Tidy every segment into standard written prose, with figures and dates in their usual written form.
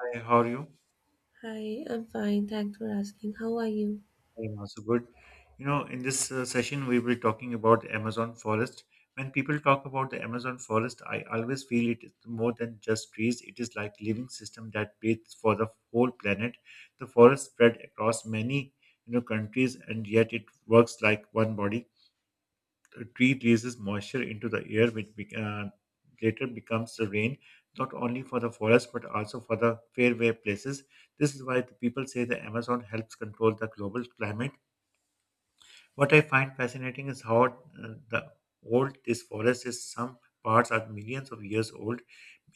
Hi, how are you? Hi, I'm fine. Thanks for asking. How are you? I am also good. You know, in this session, we will be talking about Amazon forest. When people talk about the Amazon forest, I always feel it is more than just trees. It is like living system that breathes for the whole planet. The forest spread across many, you know, countries, and yet it works like one body. A tree releases moisture into the air, which later becomes the rain, not only for the forest but also for the fairway places. This is why the people say the Amazon helps control the global climate. What I find fascinating is how the old this forest is. Some parts are millions of years old,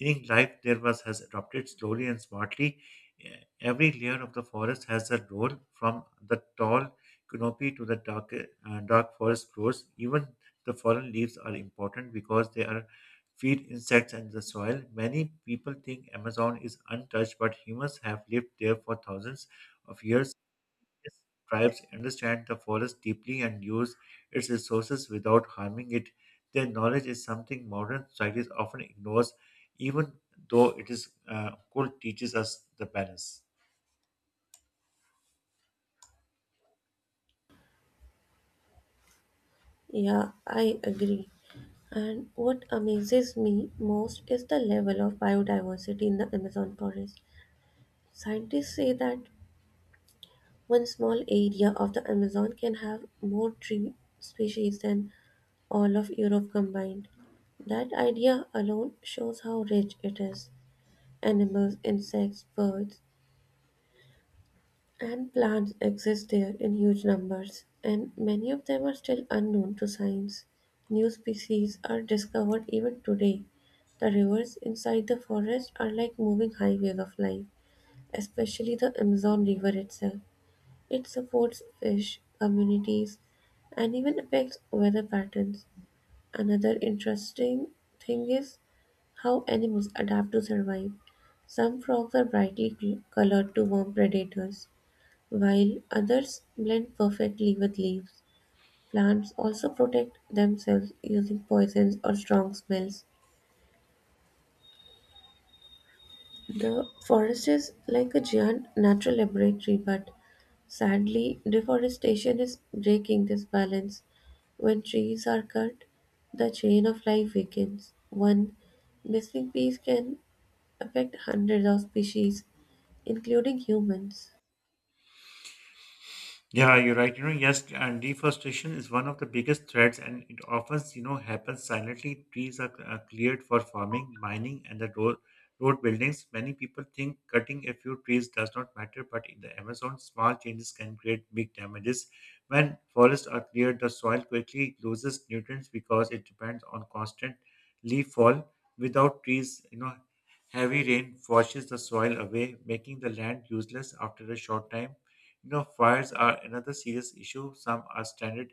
meaning life there was has adopted slowly and smartly. Every layer of the forest has a role, from the tall canopy to the dark, dark forest floors. Even the fallen leaves are important because they are feed insects and the soil. Many people think Amazon is untouched, but humans have lived there for thousands of years. Indigenous tribes understand the forest deeply and use its resources without harming it. Their knowledge is something modern societies often ignores, even though it is cool teaches us the balance. Yeah, I agree. And what amazes me most is the level of biodiversity in the Amazon forest. Scientists say that one small area of the Amazon can have more tree species than all of Europe combined. That idea alone shows how rich it is. Animals, insects, birds, and plants exist there in huge numbers, and many of them are still unknown to science. New species are discovered even today. The rivers inside the forest are like moving highways of life, especially the Amazon River itself. It supports fish, communities, and even affects weather patterns. Another interesting thing is how animals adapt to survive. Some frogs are brightly colored to warn predators, while others blend perfectly with leaves. Plants also protect themselves using poisons or strong smells. The forest is like a giant natural laboratory, but sadly, deforestation is breaking this balance. When trees are cut, the chain of life weakens. One missing piece can affect hundreds of species, including humans. Yeah, you're right. You know, yes, and deforestation is one of the biggest threats, and it often, you know, happens silently. Trees are cleared for farming, mining, and the road buildings. Many people think cutting a few trees does not matter, but in the Amazon, small changes can create big damages. When forests are cleared, the soil quickly loses nutrients because it depends on constant leaf fall. Without trees, you know, heavy rain washes the soil away, making the land useless after a short time. You know, fires are another serious issue. Some are standard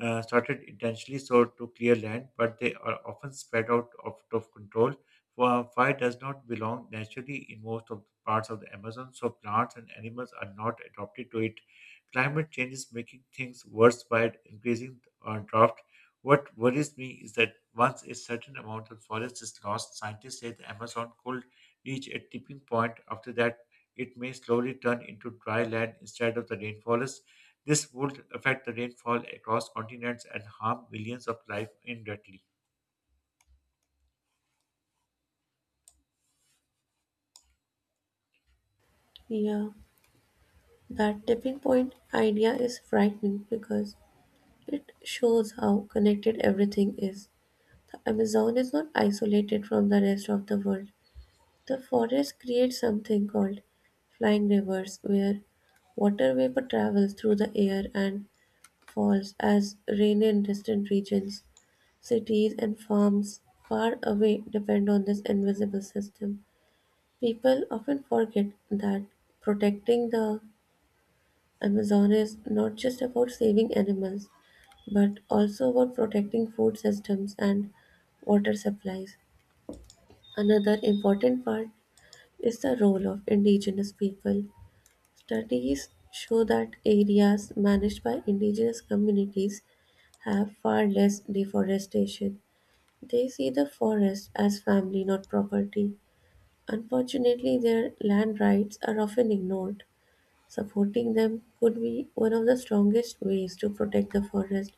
started intentionally so to clear land, but they are often spread out of control. For fire does not belong naturally in most of the parts of the Amazon, so plants and animals are not adapted to it. Climate change is making things worse by increasing drought. What worries me is that once a certain amount of forest is lost, scientists say the Amazon could reach a tipping point. After that, it may slowly turn into dry land instead of the rainforest. This would affect the rainfall across continents and harm millions of life indirectly. Yeah, that tipping point idea is frightening because it shows how connected everything is. The Amazon is not isolated from the rest of the world. The forest creates something called flying rivers, where water vapor travels through the air and falls as rain in distant regions. Cities and farms far away depend on this invisible system. People often forget that protecting the Amazon is not just about saving animals, but also about protecting food systems and water supplies. Another important part is the role of indigenous people. Studies show that areas managed by indigenous communities have far less deforestation. They see the forest as family, not property. Unfortunately, their land rights are often ignored. Supporting them could be one of the strongest ways to protect the forest.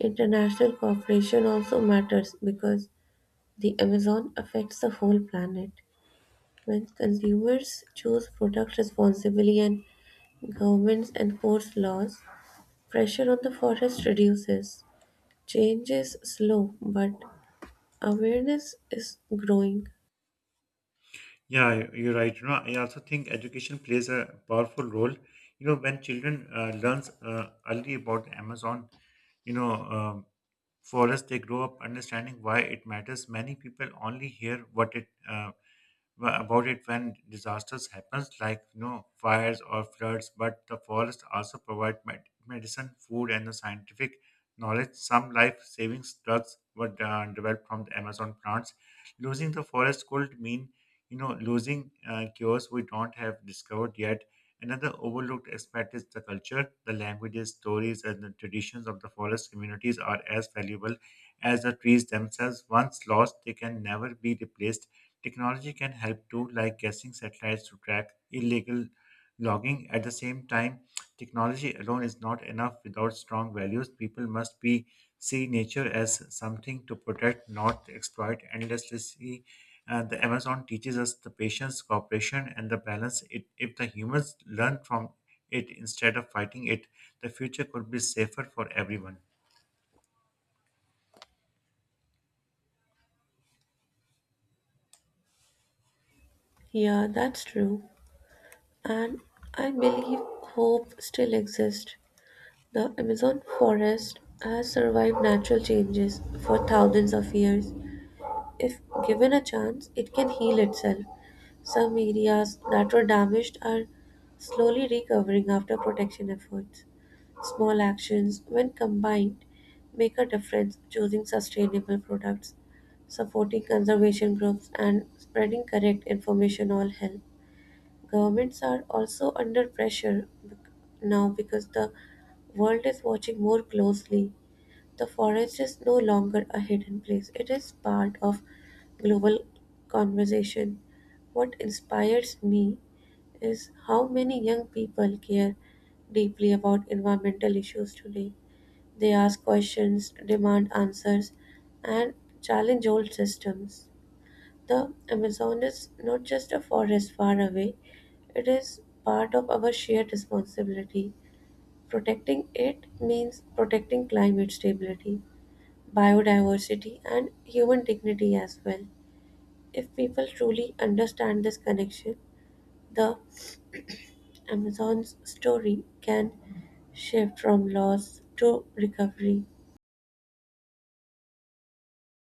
International cooperation also matters because the Amazon affects the whole planet. When consumers choose products responsibly and governments enforce laws, pressure on the forest reduces. Change is slow, but awareness is growing. Yeah, you're right. You know, I also think education plays a powerful role. You know, when children learns early about Amazon, you know, um, forest, they grow up understanding why it matters. Many people only hear what about it when disasters happens, like, you know, fires or floods, but the forests also provide medicine, food, and the scientific knowledge. Some life saving drugs were developed from the Amazon plants. Losing the forest could mean, you know, losing cures we don't have discovered yet. Another overlooked aspect is the culture. The languages, stories, and the traditions of the forest communities are as valuable as the trees themselves. Once lost, they can never be replaced. Technology can help too, like guessing satellites to track illegal logging. At the same time, technology alone is not enough without strong values. People must be see nature as something to protect, not exploit endlessly. The Amazon teaches us the patience, cooperation, and the balance. It, if the humans learn from it instead of fighting it, the future could be safer for everyone. Yeah, that's true. And I believe hope still exists. The Amazon forest has survived natural changes for thousands of years. If given a chance, it can heal itself. Some areas that were damaged are slowly recovering after protection efforts. Small actions, when combined, make a difference: choosing sustainable products, supporting conservation groups, and spreading correct information all help. Governments are also under pressure now because the world is watching more closely. The forest is no longer a hidden place, it is part of global conversation. What inspires me is how many young people care deeply about environmental issues today. They ask questions, demand answers, and challenge old systems. The Amazon is not just a forest far away, it is part of our shared responsibility. Protecting it means protecting climate stability, biodiversity, and human dignity as well. If people truly understand this connection, the Amazon's story can shift from loss to recovery.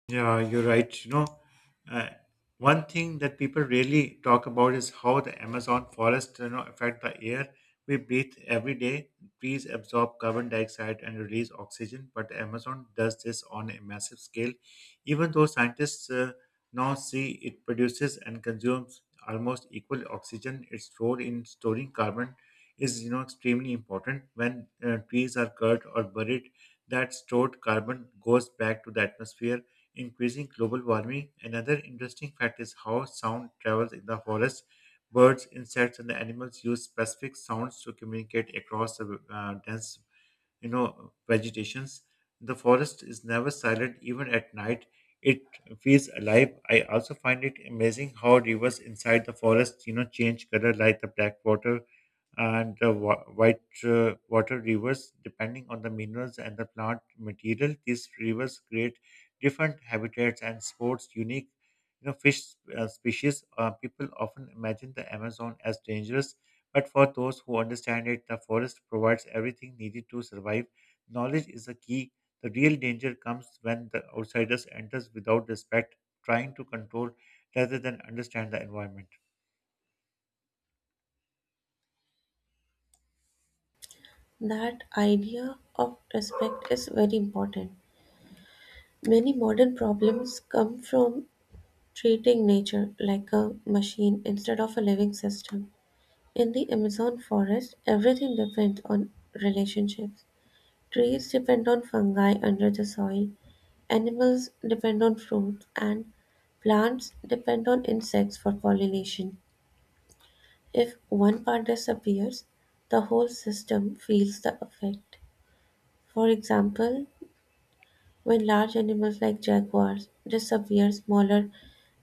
Yeah, you're right. Uh, One thing that people really talk about is how the Amazon forest, you know, affect the air we breathe every day. Trees absorb carbon dioxide and release oxygen, but the Amazon does this on a massive scale. Even though scientists now see it produces and consumes almost equal oxygen, its role in storing carbon is, you know, extremely important. When trees are cut or buried, that stored carbon goes back to the atmosphere, increasing global warming. Another interesting fact is how sound travels in the forest. Birds, insects, and the animals use specific sounds to communicate across the dense, you know, vegetations. The forest is never silent, even at night. It feels alive. I also find it amazing how rivers inside the forest, you know, change color, like the black water and white water rivers. Depending on the minerals and the plant material, these rivers create different habitats and sports unique, you know, fish species. People often imagine the Amazon as dangerous, but for those who understand it, the forest provides everything needed to survive. Knowledge is the key. The real danger comes when the outsiders enters without respect, trying to control rather than understand the environment. That idea of respect is very important. Many modern problems come from treating nature like a machine instead of a living system. In the Amazon forest, everything depends on relationships. Trees depend on fungi under the soil, animals depend on fruits, and plants depend on insects for pollination. If one part disappears, the whole system feels the effect. For example, when large animals like jaguars disappear, smaller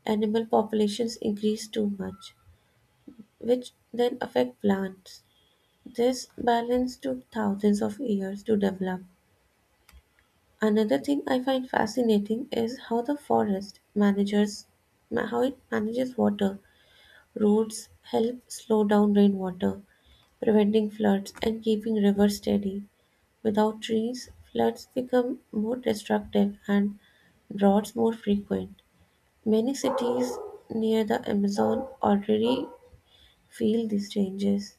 animal populations increase too much, which then affect plants. This balance took thousands of years to develop. Another thing I find fascinating is how the forest manages how it manages water. Roads help slow down rainwater, preventing floods and keeping rivers steady. Without trees, floods become more destructive and droughts more frequent. Many cities near the Amazon already feel these changes.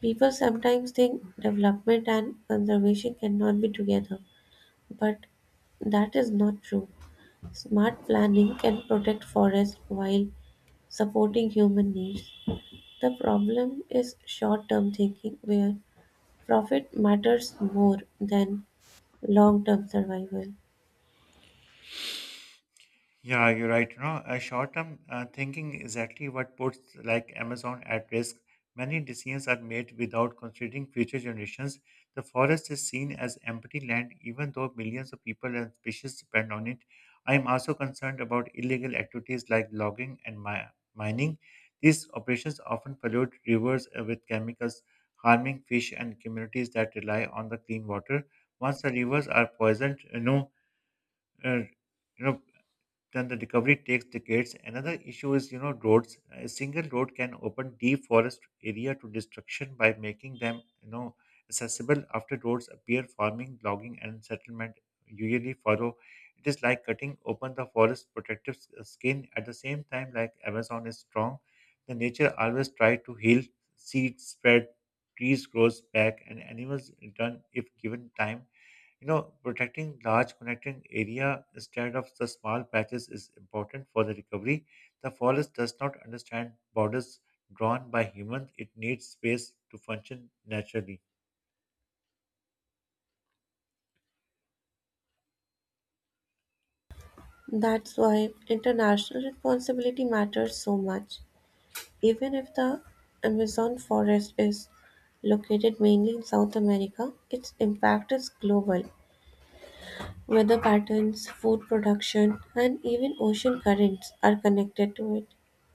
People sometimes think development and conservation cannot be together, but that is not true. Smart planning can protect forests while supporting human needs. The problem is short term thinking, where profit matters more than long term survival. Yeah, you're right. Short-term thinking exactly what puts like Amazon at risk. Many decisions are made without considering future generations. The forest is seen as empty land, even though millions of people and species depend on it. I am also concerned about illegal activities like logging and mining. These operations often pollute rivers with chemicals, harming fish and communities that rely on the clean water. Once the rivers are poisoned, uh, you know then the recovery takes decades. Another issue is, you know, roads. A single road can open deep forest area to destruction by making them, you know, accessible after roads appear. Farming, logging, and settlement usually follow. It is like cutting open the forest protective skin. At the same time, like Amazon is strong, the nature always try to heal. Seeds spread, trees grows back, and animals return if given time. You know, protecting large connecting area instead of the small patches is important for the recovery. The forest does not understand borders drawn by humans. It needs space to function naturally. That's why international responsibility matters so much. Even if the Amazon forest is located mainly in South America, its impact is global. Weather patterns, food production, and even ocean currents are connected to it.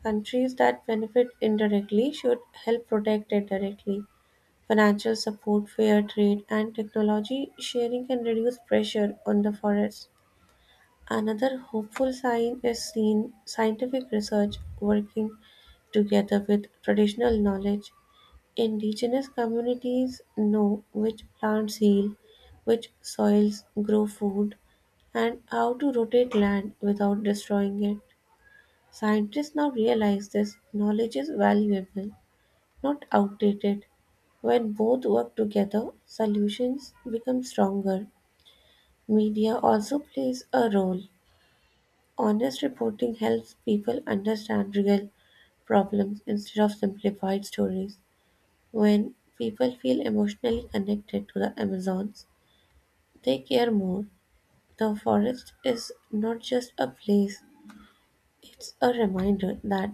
Countries that benefit indirectly should help protect it directly. Financial support, fair trade, and technology sharing can reduce pressure on the forests. Another hopeful sign is seen scientific research working together with traditional knowledge. Indigenous communities know which plants heal, which soils grow food, and how to rotate land without destroying it. Scientists now realize this knowledge is valuable, not outdated. When both work together, solutions become stronger. Media also plays a role. Honest reporting helps people understand real problems instead of simplified stories. When people feel emotionally connected to the Amazons, they care more. The forest is not just a place, it's a reminder that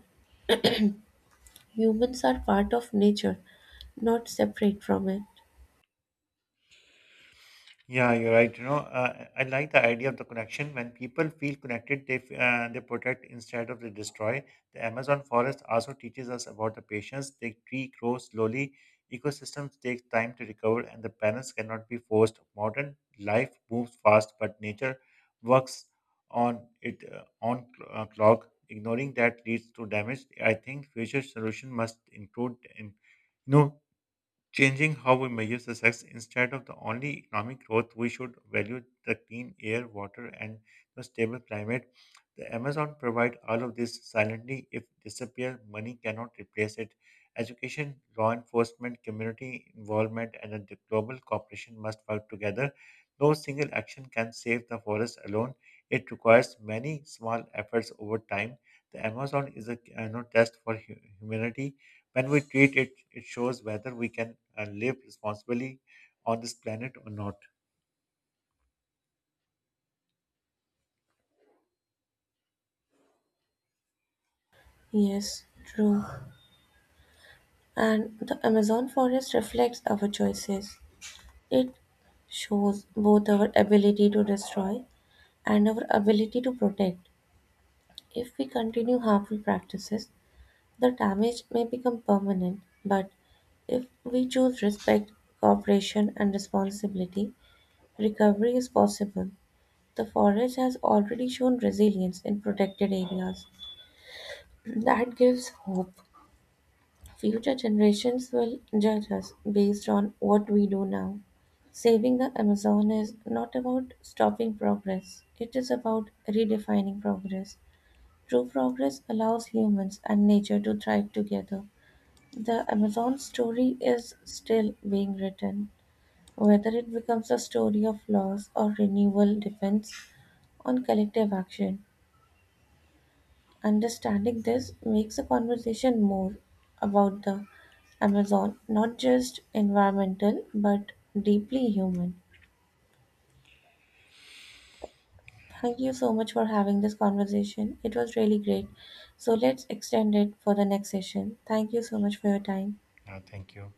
humans are part of nature, not separate from it. Yeah, you're right. I like the idea of the connection. When people feel connected, they protect instead of they destroy. The Amazon forest also teaches us about the patience. The tree grows slowly. Ecosystems take time to recover, and the balance cannot be forced. Modern life moves fast, but nature works on it on clock. Ignoring that leads to damage. I think future solution must include, you know, changing how we measure success. Instead of the only economic growth, we should value the clean air, water, and the stable climate. The Amazon provides all of this silently. If disappear, money cannot replace it. Education, law enforcement, community involvement, and the global cooperation must work together. No single action can save the forest alone. It requires many small efforts over time. The Amazon is a, you know, test for humanity. When we treat it, it shows whether we can live responsibly on this planet or not. Yes, true. And the Amazon forest reflects our choices. It shows both our ability to destroy and our ability to protect. If we continue harmful practices, the damage may become permanent. But if we choose respect, cooperation, and responsibility, recovery is possible. The forest has already shown resilience in protected areas. That gives hope. Future generations will judge us based on what we do now. Saving the Amazon is not about stopping progress, it is about redefining progress. True progress allows humans and nature to thrive together. The Amazon story is still being written. Whether it becomes a story of loss or renewal depends on collective action. Understanding this makes the conversation more about the Amazon, not just environmental, but deeply human. Thank you so much for having this conversation. It was really great. So let's extend it for the next session. Thank you so much for your time. Yeah, thank you.